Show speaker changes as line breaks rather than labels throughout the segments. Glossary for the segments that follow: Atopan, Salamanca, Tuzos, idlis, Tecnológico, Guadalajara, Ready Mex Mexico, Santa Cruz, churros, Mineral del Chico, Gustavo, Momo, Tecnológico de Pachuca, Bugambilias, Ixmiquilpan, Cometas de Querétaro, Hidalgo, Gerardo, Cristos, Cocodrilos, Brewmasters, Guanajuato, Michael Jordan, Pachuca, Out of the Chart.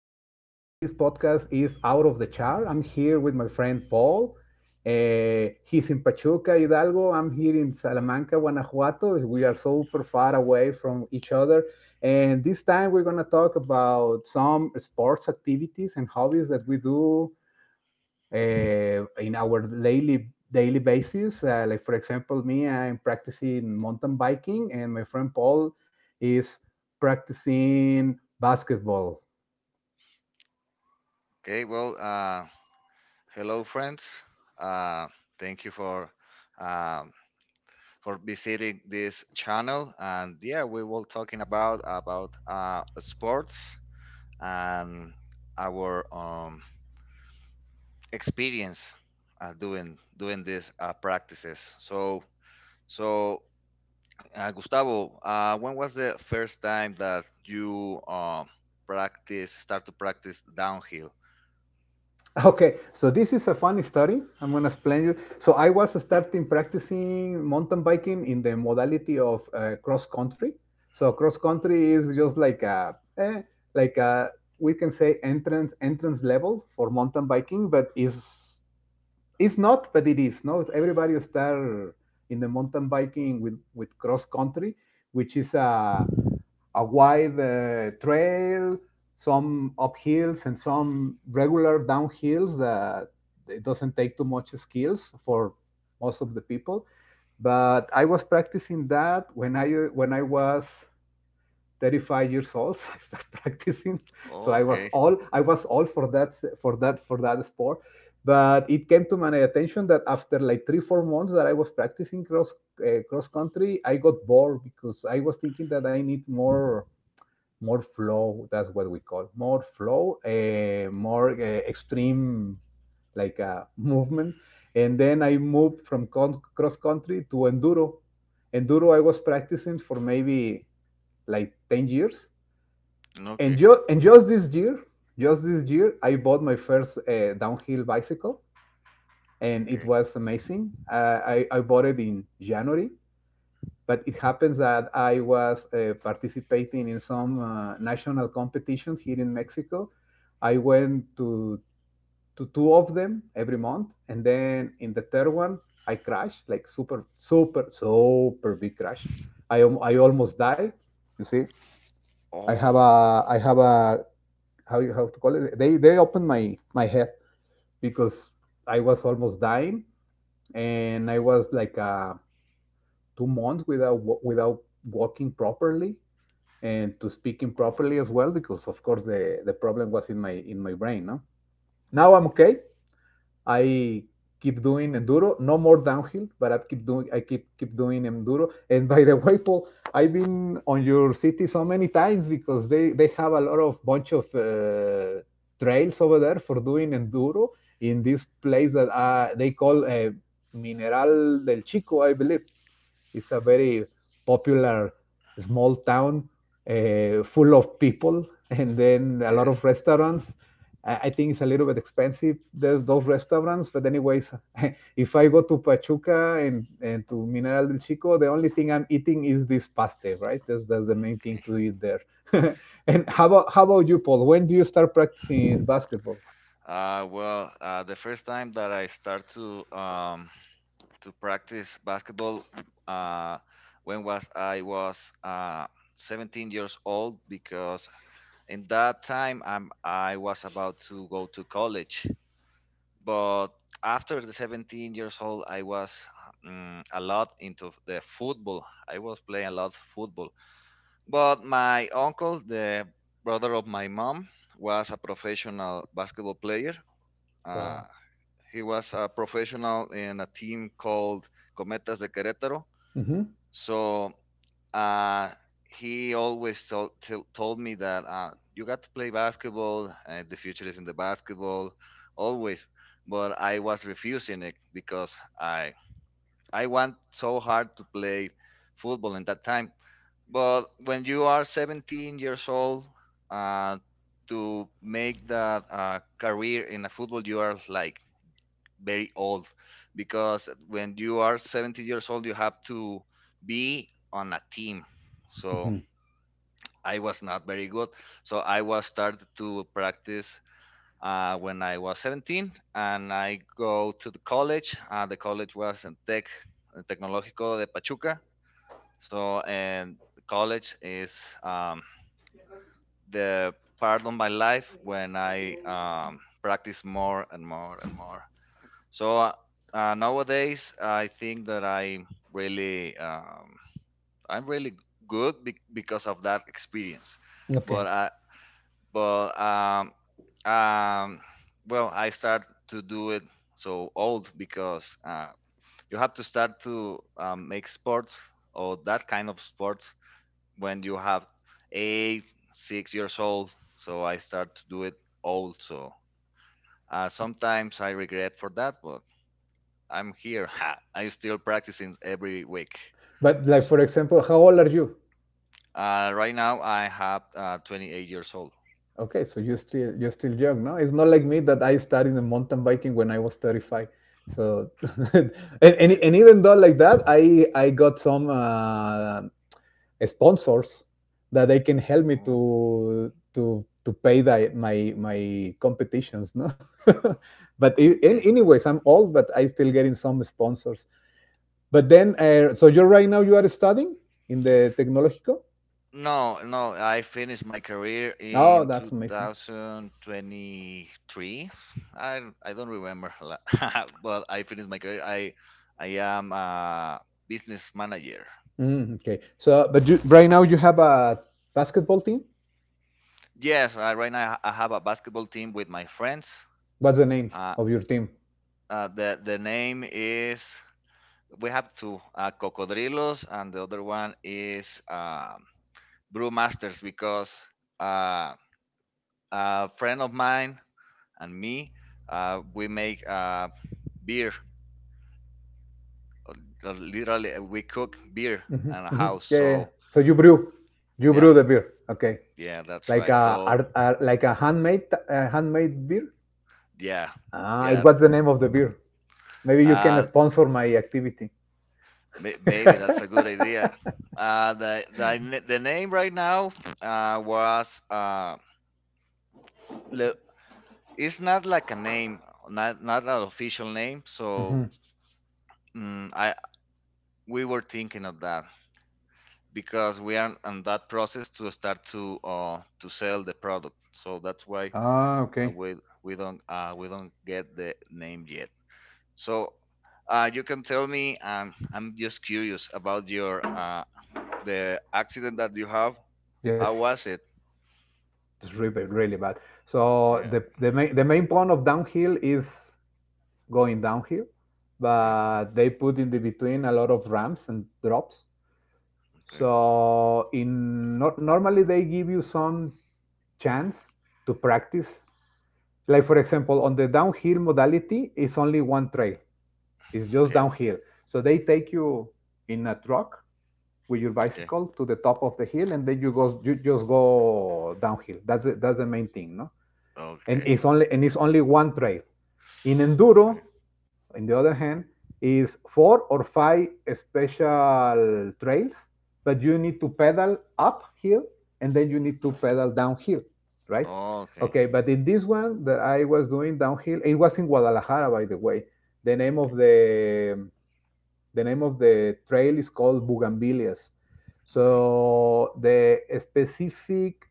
Is the name of this podcast is Out of the Chart. I'm here with my friend Paul. He's in Pachuca, Hidalgo. I'm here in Salamanca, Guanajuato. We are super far away from each other. And this time we're going to talk about some sports activities and hobbies that we do in our daily basis. Like for example, me, I'm practicing mountain biking, and my friend Paul is practicing basketball.
Okay, well, hello, friends. Uh, thank you um, for visiting this channel. And yeah, we will talking about sports and our experience, doing these practices. So, Gustavo, when was the first time that you practice start to practice downhill?
Okay, so this is a funny story. I'm gonna explain you. So I was starting practicing mountain biking in the modality of cross country. So cross country is just like a like a we can say entrance level for mountain biking, but is it's not, but it is. No, everybody start in the mountain biking with cross country, which is a wide trail, some uphills, and some regular downhills that it doesn't take too much skills for most of the people. But I was practicing that when I was 35 years old. So I started practicing, so
Okay,
I was all for that for that sport. But it came to my attention that after like 3 4 months that I was practicing cross country, I got bored because I was thinking that I need more flow. That's what we call more flow, more extreme, like movement. And then I moved from cross country to enduro. Enduro I was practicing for maybe like 10 years. And
okay,
just this year, I bought my first downhill bicycle, and it
okay.
was amazing. I bought it in January. But it happens that I was participating in some national competitions here in Mexico. I went to two of them every month, and then in the third one, I crashed like super super super big crash. I almost died, you see. I have
Oh.
a, how you have to call it, they opened my head because I was almost dying. And I was like 2 months without walking properly, and to speaking properly as well, because of course the problem was in my brain, no? Now
Oh,
I'm okay. I keep doing enduro, no more downhill, but I keep doing enduro. And by the way, Paul, I've been on your city so many times because they have a lot of bunch of trails over there for doing enduro in this place that they call, Mineral del Chico, I believe. It's a very popular small town, full of people, and then a lot of
yes.
restaurants. I think it's a little bit expensive, those restaurants. But anyways, if I go to Pachuca and to Mineral del Chico, the only thing I'm eating is this paste, right? That's the main
Okay.
thing to eat there. And how about you, Paul? When do you start practicing basketball?
Well, the first time that I start to practice basketball, uh, when was I was 17 years old, because in that time I was about to go to college. But after the 17 years old, I was a lot into the football. I was playing a lot football. But my uncle, the brother of my mom, was a professional basketball player. Uh,
Wow.
he was a professional in a team called Cometas de Querétaro.
Mm-hmm.
So uh, he always told me that you got to play basketball, the future is in the basketball, always. But I was refusing it because I I want so hard to play football in that time, but when you are 17 years old, uh, to make that career in a football, you are like very old, because when you are 17 years old, you have to be on a team. So
Mm-hmm.
I was not very good. So I was started to practice when I was 17, and I go to the college. The college was in Tech Tecnológico de Pachuca. So, and the college is um, the part of my life when I practice more and more and more. So nowadays, I think that I'm really good, because of that experience.
Okay.
But I but um, well, I start to do it so old, because you have to start to make sports, or that kind of sports, when you have 8, 6 years old. So I start to do it also. Sometimes I regret for that, but I'm here. Ha, I'm still practicing every week.
But, like,
So
for example, how old are you?
uh, right now I have 28 years old.
Okay, so you're still young, no? It's not like me, that I started in mountain biking when I was 35. So and,
Yeah.
and even though like that, I got some sponsors that they can help me
Oh,
to to pay the, my competitions, no? But in,
okay.
anyways, I'm old, but I still getting some sponsors. But then, so you're right now you are studying in the Tecnológico.
No, no, I finished my career
Oh,
in
that's amazing.
2023. I don't remember, but I finished my career. I am a business manager.
Mm, okay. So, but you, right now you have a basketball team.
Yes, right now I have a basketball team with my friends.
What's the name
Uh,
of your team?
the name is, we have two, Cocodrilos, and the other one is Brewmasters, because uh, a friend of mine and me, we make beer. Literally, we cook beer
Hmm,
in a
hmm.
house.
Yeah, yeah, yeah.
So
So you
yeah,
brew the beer. Okay,
yeah, that's
like
right.
a,
So
like a handmade beer.
yeah,
Ah, it
yeah.
what's the name of the beer? Maybe you can
Uh,
sponsor my activity.
Maybe that's a good idea. The name right now, uh, was uh, le- it's not like a name, not an official name. So, mm, I we were thinking of that, because we are on that process to start to sell the product. So that's why
Ah,
uh,
okay.
we we don't get the name yet. So you can tell me. I'm just curious about your the accident that you have. How
Yes,
was it?
it's really really bad. So
Yeah,
the main point of downhill is going downhill,
yeah,
but they put in the between a lot of ramps and drops.
okay,
So in not normally they give you some chance to practice. Like for example, on the downhill modality, it's only one trail. It's just
okay,
downhill. So they take you in a truck with your
okay,
bicycle to the top of the hill, and then you just go downhill. That's the main thing, no? And
okay,
it's only one trail. In
okay,
enduro, in the other hand, is four or five special trails, but you need to pedal uphill and then you need to pedal downhill, right?
okay, okay, okay,
Okay, but in this one that I was doing downhill, it was in Guadalajara, by the way. The name of
okay,
the the name of the trail is called Bugambilias.
okay, okay,
So the specific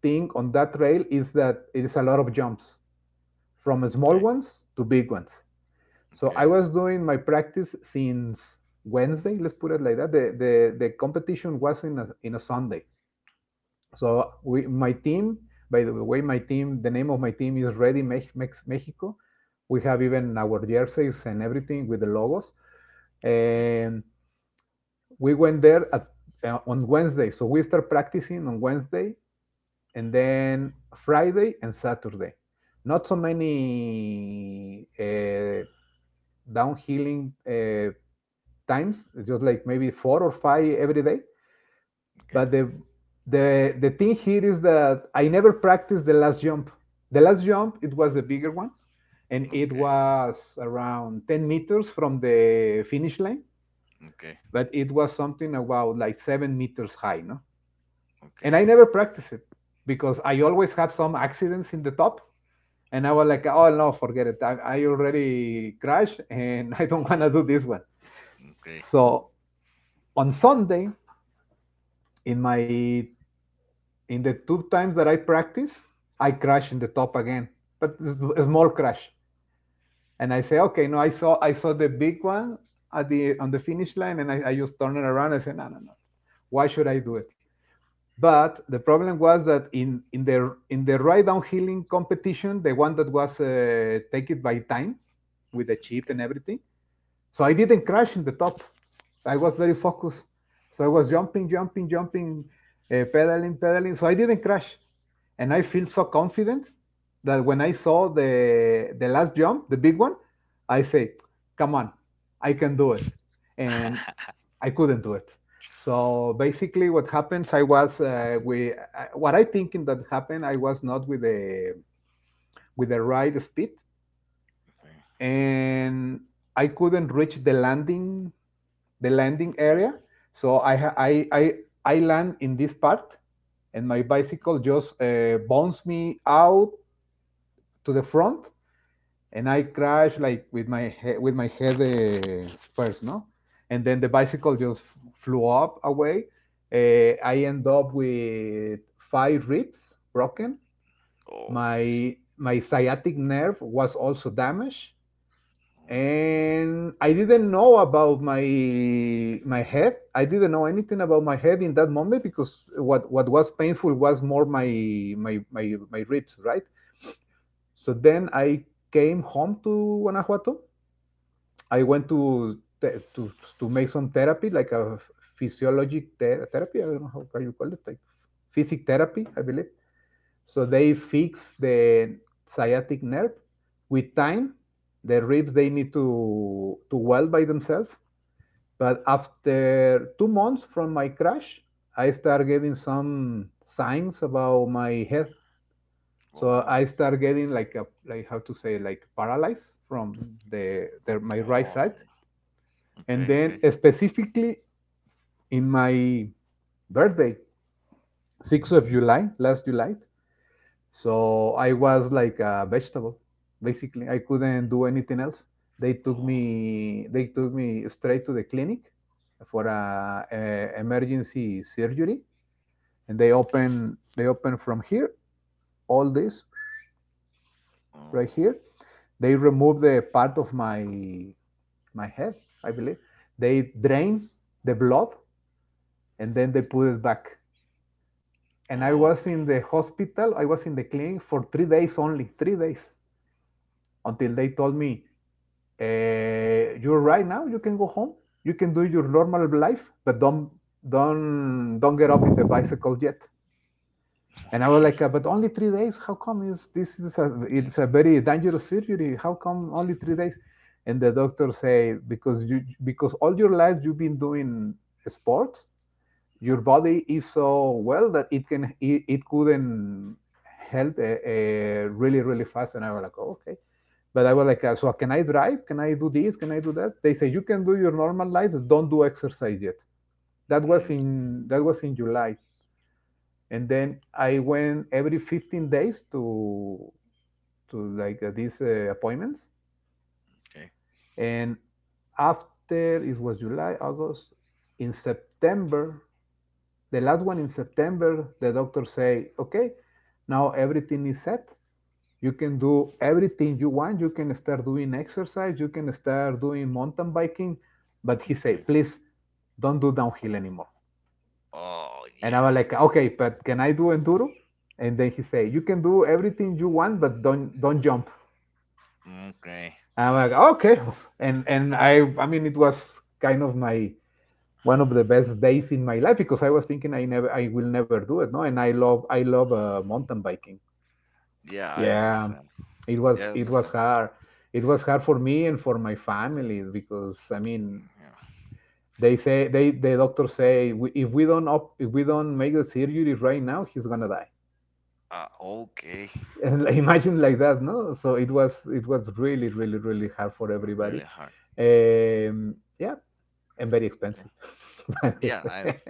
thing on that trail is that it is a lot of jumps, from
okay,
small
okay,
ones to big ones. So
okay,
I was doing my practice since Wednesday, let's put it like that. The competition was in a Sunday. So we my team, by the way, my team, the name of my team is Ready Mexico. We have even our jerseys and everything with the logos. And we went there at, on Wednesday. So we start practicing on Wednesday and then Friday and Saturday. Not so many downhilling times, just like maybe four or five every day.
okay, okay, okay, okay,
But the the thing here is that I never practiced the last jump. The last jump it was the bigger one, and it was around 10 meters from the finish line. But it was something about like 7 meters high, no? And I never practiced it because I always have some accidents in the top. And I was like, oh no, forget it. I already crashed, and I don't want to do this one. So on Sunday, in my in the two times that I practice, I crash in the top again, but it's a small crash. And I say, okay, no, I saw the big one at the on the finish line, and I just turn it around. I say, no, no, no, why should I do it? But the problem was that in the ride downhilling competition, the one that was take it by time with the chip and everything, so I didn't crash in the top. I was very focused. So I was jumping, jumping, jumping, pedaling, pedaling. So I didn't crash. And I feel so confident that when I saw the last jump, the big one, I say, come on, I can do it. And
okay,
I couldn't do it. So basically, what happens, I was what I thinking that happened, I was not with the right speed, and I couldn't reach the landing
okay,
area. So I land in this part, and my bicycle just bounces me out to the front, and I crash like with my head first, no, and then the bicycle just flew up away. I end up with five ribs broken.
oh,
My sciatic nerve was also damaged,
okay,
and I didn't know about my head. I didn't know anything about my head in that moment, because what was painful was more my my ribs, right? So then I came home to Guanajuato. I went to to to make some therapy, like a physiologic therapy, I don't know how you call it, like physic therapy, I believe. So they fix the sciatic nerve with time. The ribs they need to weld by themselves. But after 2 months from my crash, I start getting some signs about my head. So
oh,
I start getting like a, like how to say, like paralyzed from the my right
oh, no,
side. And
okay, okay,
then specifically in my birthday, 6th of July, last July, so I was like a vegetable, basically. I couldn't do anything else.
oh,
They took me straight to the clinic for a emergency surgery, and
okay,
they open from here, all this,
oh,
right here. They remove the part of my head, I believe. They drain the blood, and then they put it back. And I was in
okay,
the hospital, I was in the clinic for 3 days only, 3 days until they told me, you're right. Now you can go home, you can do your normal life, but don't get up in the bicycle yet. And I was
okay,
like, but only 3 days, how come? is this is a it's
yes,
a very dangerous surgery, how come only
yes,
3 days? And the doctor say, because all your life you've been doing sports, your body is so well that it couldn't help really really fast. And I was like, oh, okay. But I was like, so can I drive? Can I do this? Can I do that? They say, you can do your normal life, don't do exercise yet. That
mm,
was in that was in July, and then I went every 15 days to like these appointments.
okay,
And after it was July, August, in September, the last one in September, the doctor say, okay, now everything is set. You can do everything you want, you can start doing exercise, you can start doing mountain biking, but he said,
okay,
please, don't do downhill anymore.
oh,
And I was
yes.
like, okay, but can I do enduro? And then he said, you can do everything you want but don't jump.
Okay.
And I'm like, okay. And I mean it was kind of my one of the best days in my life because I was thinking I will never do it, no. And I love mountain biking.
Yeah, I
Yeah,
understand.
it
Yeah,
was
I
it was
understand.
hard. It was hard for me and for my family because I mean
Yeah.
the doctors say, "If we don't make the surgery right now, he's gonna die."
Okay.
And, like, imagine like that, no, so it was
Okay.
it was really really really hard for everybody.
Really hard.
Yeah. And very
Yeah,
expensive, by the
yeah, I
way.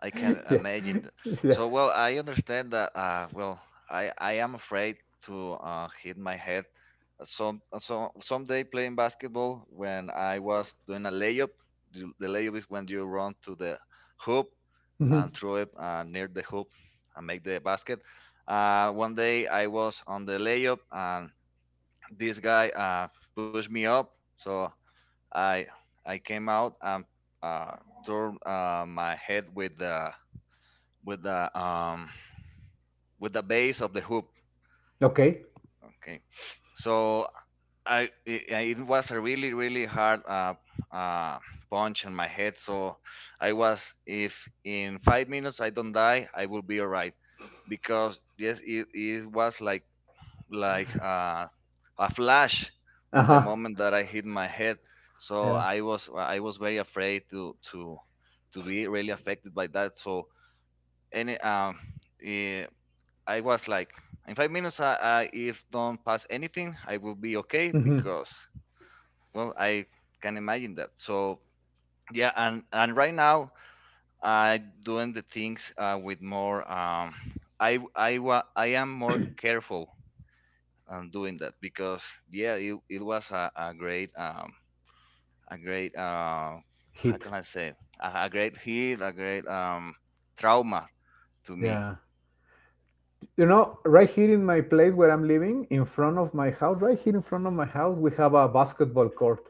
I can
Yeah,
imagine that.
yeah.
So well, I understand that. Well, I am afraid to hit my head. Some So someday playing basketball, when I was doing a layup. The layup is when you run to the hoop and
Mhm.
throw it near the hoop and make the basket. One day I was on the layup, and this guy pushed me up, so I I came out and uh, turned my head with the, with the um, with the base of the hoop.
Okay.
Okay, so I it, it was a really really hard, uh, punch in my head. So I was, if in 5 minutes I don't die, I will be alright, because yes, it was like, like uh, a flash in the
Uh-huh.
moment that I hit my head. So
Yeah.
I was very afraid to be really affected by that. So, any um eh, I was like, in 5 minutes, I if don't pass anything I will be okay,
Mhm.
because well, I can imagine that. So yeah, and right now I doing the things with more, I am more careful, and doing that, because yeah, it was a great, a great, how
Hit.
can I say, a great hit, a great trauma to me.
Yeah. You know, right here in my place where I'm living, in front of my house, right here in front of my house, we have a basketball court,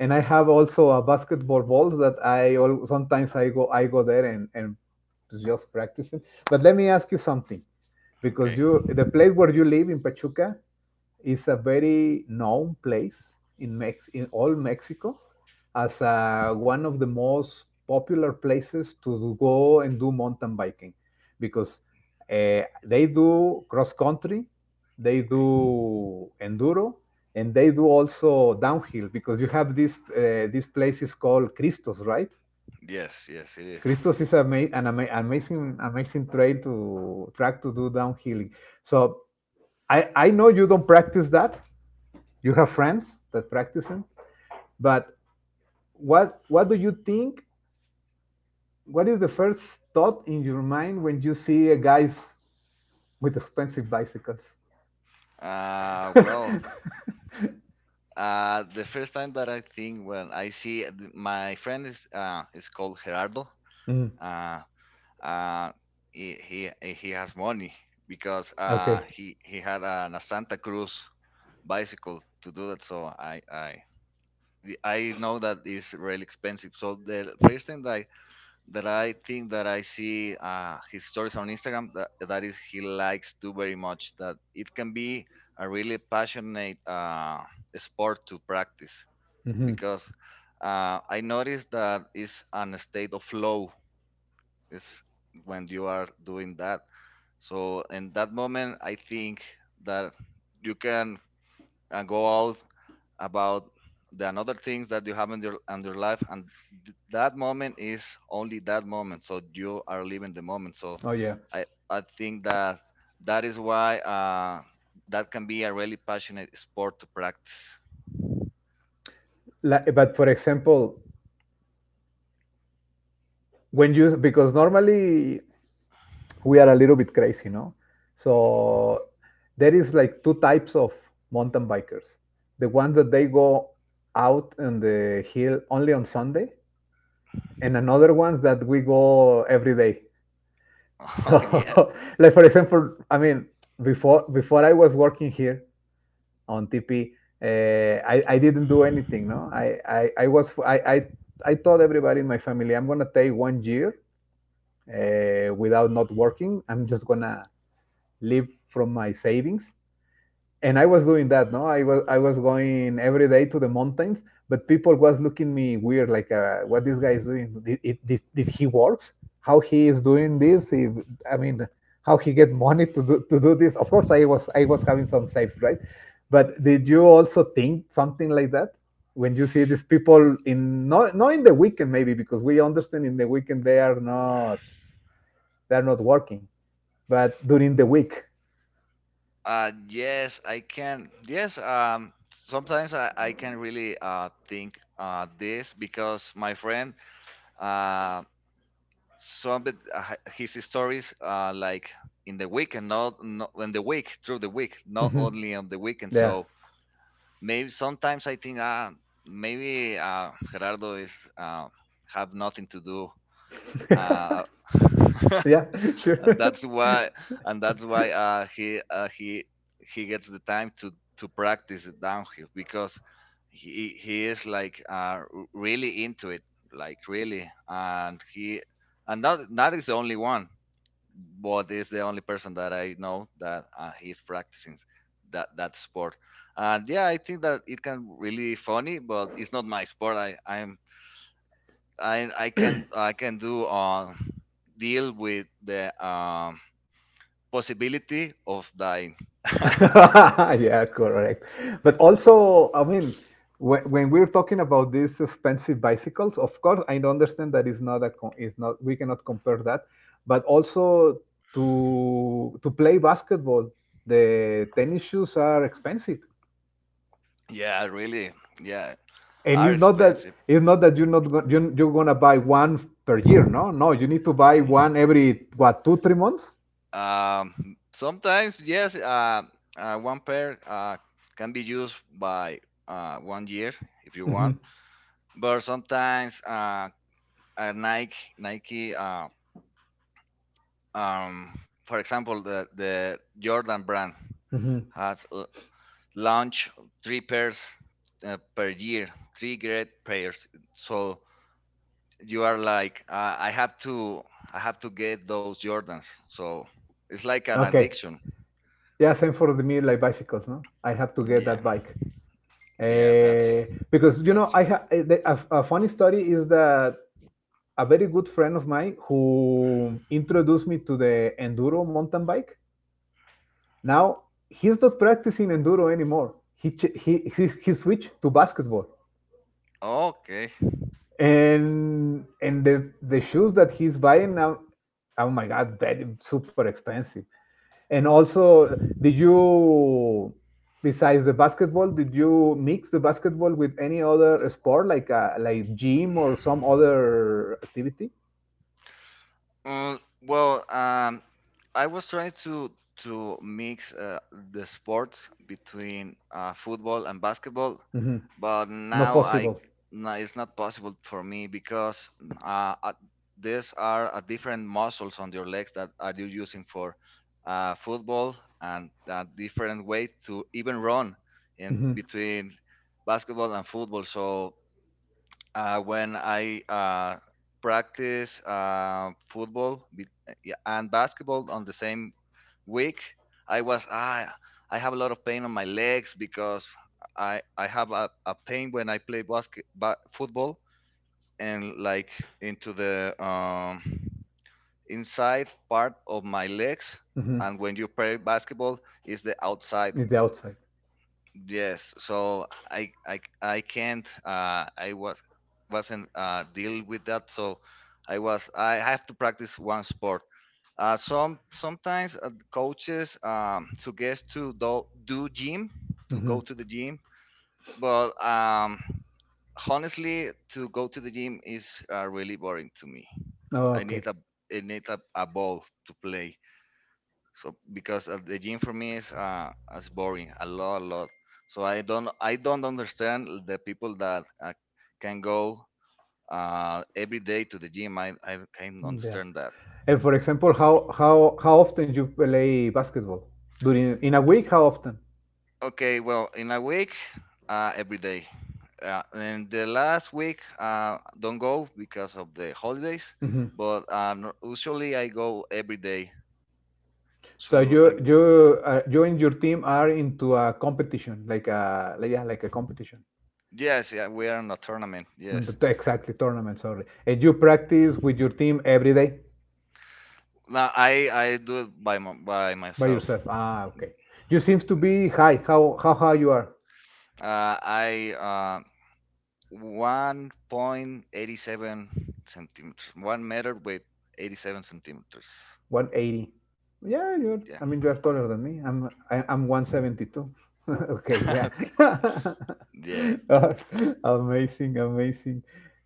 and I have also a basketball balls that sometimes I go there and just practicing. But let me ask you something, because
Okay,
you the place where you live in Pachuca is a very known place in all Mexico as one of the most popular places to go and do mountain biking, because they do cross country, they
okay,
do enduro, and they do also downhill because you have this place is called Cristos, right?
yes, yes, it is.
Cristos is an amazing amazing trail to track to do downhilling. So I know you don't practice that, you have friends that practice them, but what do you think, what is the first thought in your mind when you see a guys with expensive bicycles?
Well, the first time that I think when I see, my friend is called Gerardo.
Mm.
Uh, uh, he has money, because uh
Okay.
he he had a Santa Cruz bicycle to do that. So I know that is really expensive. So the first thing that I think, that I see his stories on Instagram, that is he likes to very much, that it can be a really passionate sport to practice,
Mm-hmm.
because I noticed that, is it's an state of flow, is when you are doing that. So in that moment, I think that you can go out about the another things that you have in your life, and that moment is only that moment, so you are living the moment. So
Oh, yeah.
i I think that that is why that can be a really passionate sport to practice.
Like, but for example, when you because normally we are a little bit crazy, no, so there is like two types of mountain bikers: the ones that they go out on the hill only on Sunday, and another ones that we go every day.
Oh
So,
yeah.
like for example, I mean, before I was working here on TP, uh, I didn't do anything. No, I was I told everybody in my family I'm gonna take one year without not working. I'm just gonna live from my savings, and I was doing that. No, I was going every day to the mountains, but people was looking me weird, like, "What this guy is doing? Did he works? How he is doing this? If, I mean, how he get money to do this? Of course, I was having some safe, right?" But did you also think something like that when you see these people in not not in the weekend, maybe because we understand in the weekend they are not working, but during the week,
Yes, I can, yes, sometimes I can really think this, because my friend, um some of his stories, like, in the week, and not, not in the week, through the week, not only on the weekend.
yeah,
So maybe sometimes I think, maybe Gerardo is have nothing to do. uh,
yeah, sure.
and that's why and that's why he gets the time to practice the downhill, because he is like, really into it, like, really, and not is the only one, but is the only person that I know that is practicing that sport. And yeah, I think that it can really funny, but it's not my sport. I can I can do deal with the possibility of dying.
Yeah, correct. But also, I mean, when we're talking about these expensive bicycles, of course, I understand that is not we cannot compare that, but also to play basketball, the tennis shoes are expensive,
Yeah, really. Yeah,
and
are
it's not that
expensive.
it's not that you're not go, you you're gonna buy one per year, no, no, you need to buy
Mm.
one every what 2 3 months.
Sometimes yes, one pair can be used by one year if you
Hmm.
want, but sometimes Nike um for example, the Jordan brand
Hmm.
has launched three pairs per year, three great pairs. So you are like, I have to get those Jordans. So it's like an
Okay.
addiction.
Yeah, same for the me like bicycles, no? I have to get
Yeah,
that bike.
yeah, that's
Uh, because
that's
I
right.
have a funny story is that a very good friend of mine who introduced me to the enduro mountain bike. Now he's not practicing enduro anymore. He ch- he switched to basketball,
Okay.
and the shoes that he's buying now, oh my god, very super expensive. And also, did you, besides the basketball, did you mix the basketball with any other sport, like gym or some other activity?
Uh, well, I was trying to mix the sports between football and basketball,
Hmm.
but
Not
now I
possible.
no, it's not possible for me, because uh, uh, these are different muscles on your legs that are you using for football, and a different way to even run in
Hmm.
between basketball and football. So when I practice football, yeah, and basketball on the same week, I was ah, I have a lot of pain on my legs, because I have a pain when I play football, and like, into the inside part of my legs.
Hmm.
And when you play basketball, is the outside.
It's the outside.
Yes, so I can't. I wasn't deal with that. So I have to practice one sport. Sometimes coaches suggest to
Hmm.
go to the gym, but honestly, to go to the gym is really boring to me. I need
Okay.
a I need a ball to play. So because the gym for me is boring a lot a lot. So I don't understand the people that can go every day to the gym. I can't
Yeah.
understand that.
And for example, how often you play basketball during in a week? How often?
Okay, well, in a week, every day. And the last week, don't go because of the holidays,
Hmm.
but usually I go every day.
So
So
you
I go.
you uh, you and your team are into a competition, yeah, like a competition.
Yes, yeah, we are in a tournament. Yes.
Exactly, tournament, sorry. And you practice with your team every day
Now I do it by by
by
myself.
yourself. Ah, okay. You seems to
Yeah.
be high. How high you are?
I 1.87 centimeters, 1 meter with 87 centimeters.
180. Yeah, you're I
Yeah.
mean you are taller than me. I'm 172. Okay, yeah.
okay. Yes.
Uh, Amazing, amazing.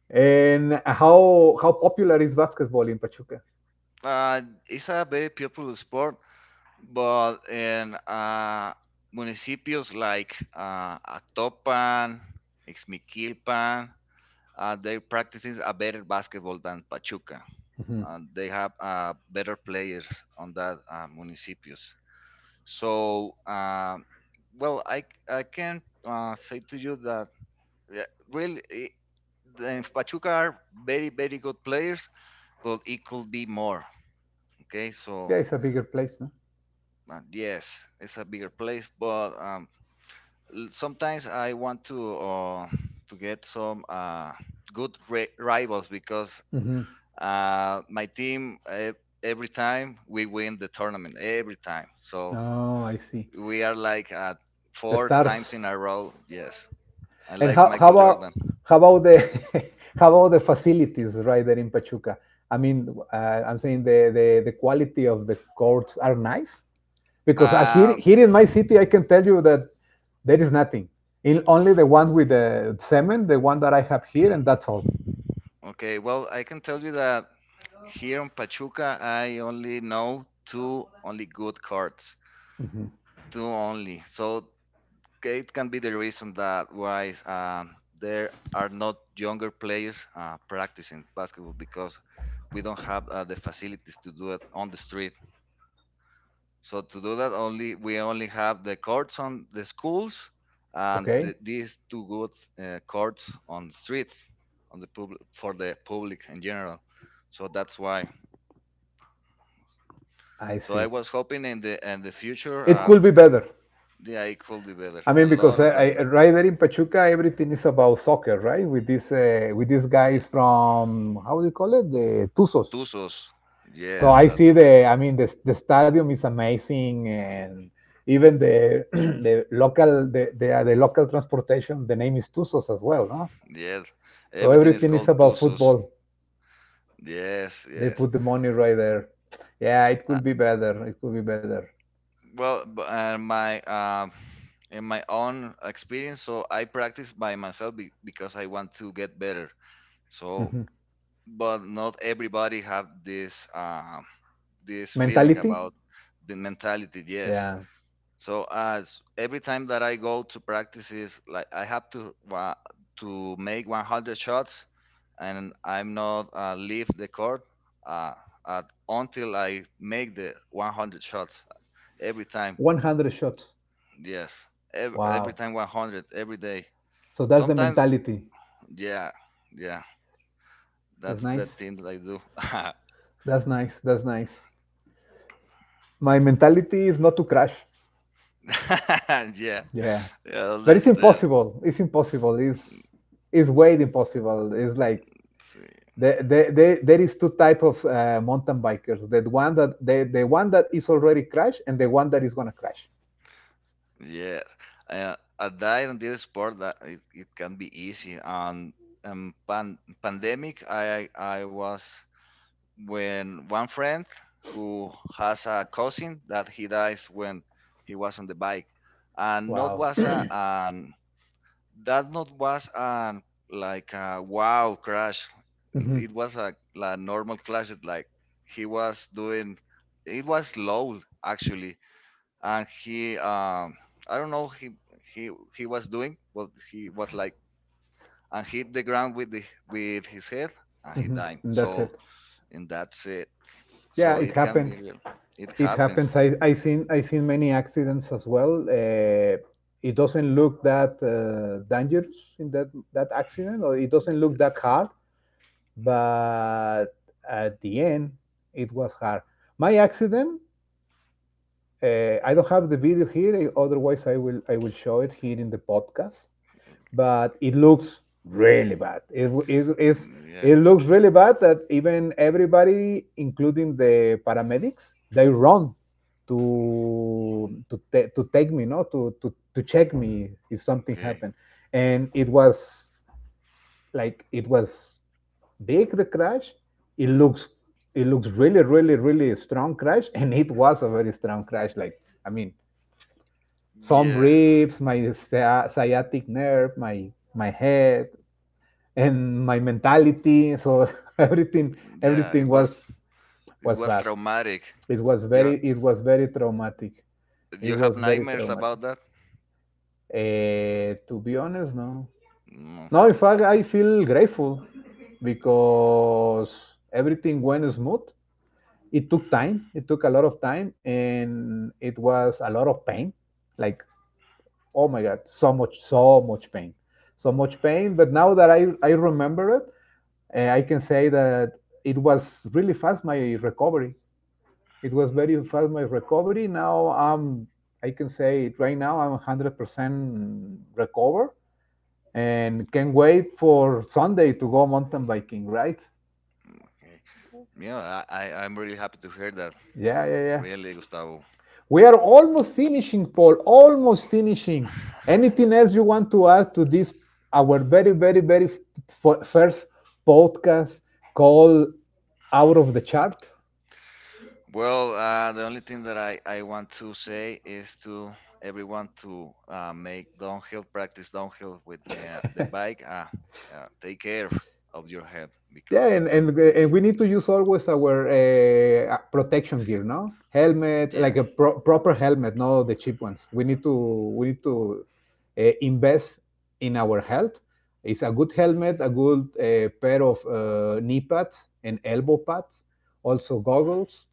And how popular is basketball in Pachuca?
Uh, it's a very popular sport, but in municipios like Atopan, Ixmiquilpan, they're practicing a better basketball than Pachuca.
Mhm.
And they have better players on that municipios. So, uh, well, I, I can say to you that yeah, really i- the in Pachuca are very, very good players, but it could be more. Okay,
Yeah,
so
it's a bigger place, no?
yes, it's a bigger place, but sometimes I want to get some good rivals because
Mm-hmm.
my team every time we win the tournament every time. So
Oh, I see.
we are like
The
four times
stars.
in a row. Yes, I
And
like Michael Jordan.
how about the how about the facilities right there in Pachuca? I mean, I'm saying the quality of the courts are nice because I, here
Uh,
here in my city, I can tell you that there is nothing. Only the ones with the cement, the one that I have here, and that's all.
okay, well, I can tell you that here in Pachuca I only know two only good cards, two only. So okay, it can be the reason that why there are not younger players practicing basketball because we don't have the facilities to do it on the street. So to do that, only we only have the courts on the schools and
Okay,
these two good courts on the streets on the public for the public in general. So that's why.
I
So I
see.
was hoping in the future,
It could be better.
yeah, it could be better,
I
a
mean, because
lot better.
right there in Pachuca, everything is about soccer, right? With these
Yeah.
guys from, how do you call it, the Tuzos.
Tuzos,
So
yes,
I
that's
see the,
right.
I mean, the stadium is amazing, and even the the local transportation. The name is Tuzos as well, no?
Yes,
So
everything is
everything is
called
about
tusus.
football.
Yes,
They
yes.
put the money right there. Yeah, it
Uh,
could be better. It could be better.
my in my own experience, so I practice by myself because I want to get better. So, but not everybody have this this feeling
Mentality.
about the mentality. Yes,
Yeah,
so as every time that I go to practices, like I have to to make 100 shots, and I'm not leave the court uh, until I make the 100 shots every time.
100 shots.
Yes, every
Wow.
time 100 every day.
So that's the
Sometimes,
mentality.
yeah, yeah,
That's
that's the
nice.
thing that I do.
That's nice. That's nice. My mentality is not to crash.
Yeah, yeah,
Yeah,
I
but it's
understand.
impossible. It's impossible. It's way impossible. It's like
Sí.
there is two type of mountain bikers. The one that the one that is already crashed, and the one that is gonna crash.
Yes. A diet and did sport that it can be easy. And pandemic, I was when one friend who has a cousin that he dies when he was on the bike, and not
Wow.
was a an that not was an like a wow crash.
And
It was a like normal crash. Like he was doing. It was low actually and he I don't know, he he was doing but he was like and hit the ground with the with his head and he died.
that's
So
it.
and that's it,
Yeah,
so
it
it can be
happens.
real. It
It
happens.
happens. I seen many accidents as well. It doesn't look that dangerous in that accident, or it doesn't look that hard. But at the end, it was hard. My accident. I don't have the video here. Otherwise, I will show it here in the podcast. But it looks really bad. It is
Mm, yeah.
it looks really bad that even everybody, including the paramedics, they run
Mm,
to take me, no, to check me if something
okay.
happened. And it was, like, it was big, the crash. It looks it looks really really really strong crash, and it was a very strong crash. Like I mean, some
Yeah,
ribs, my sciatic nerve, my head, and my mentality. So everything
yeah,
everything
it was,
was
it
was
was
bad.
traumatic.
It was
you
very
ha-
it was very traumatic. It
you have
was very
nightmares about
traumatic.
that?
To be honest, no.
No.
No, in fact, I feel grateful because everything went smooth. It took time. It took a lot of time, and it was a lot of pain. Like, oh my god, so much, so much pain, so much pain. But now that I remember it, I can say that it was really fast my recovery. It was very fast my recovery. Now I can say it right now, I'm 100% recovered, and can wait for Sunday to go mountain biking, right?
Okay. Yeah, I'm really happy to hear that,
Yeah, yeah, yeah.
really, Gustavo.
We are almost finishing, Paul, almost finishing. Anything else you want to add to this, our very, very, very first podcast called Out of the Chart?
Well, the only thing that I want to say is to everyone to make downhill, practice downhill with the bike. Take care of your head
Yeah,
because it
and, and
can
and we
really,
need to
it,
use always our protection gear, no? Helmet,
yeah,
like a proper helmet, not the cheap ones. We need to invest in our health. It's a good helmet, a good pair of knee pads and elbow pads, also goggles,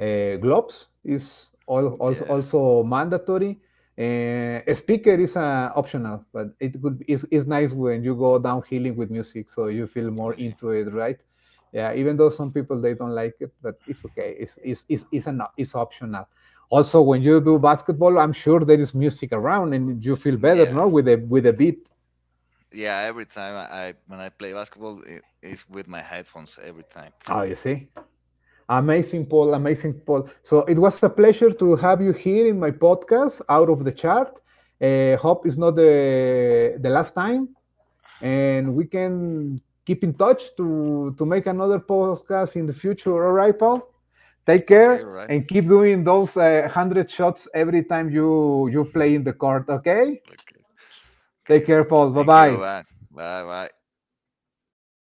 gloves is al- also,
yes,
also mandatory. A speaker is optional, but it could is nice when you go down healing with music, so you feel
oh,
more
yeah,
into it, right? Yeah, even though some people they don't like it, but it's okay. It's optional. Also, when you do basketball, I'm sure there is music around, and you feel better,
yeah,
no, with a beat.
yeah. Every time I when I play basketball, it is with my headphones every time.
Oh, you see. Amazing, Paul. Amazing, Paul. So it was a pleasure to have you here in my podcast, Out of the Chart. Hope it's not the last time, and we can keep in touch to make another podcast in the future. All right, Paul? Take
Okay, all
care
right,
and keep doing those 100 shots every time you play in the court, okay?
okay, okay.
Take care, Paul. Bye
Thank you.
bye.
Bye, bye, bye.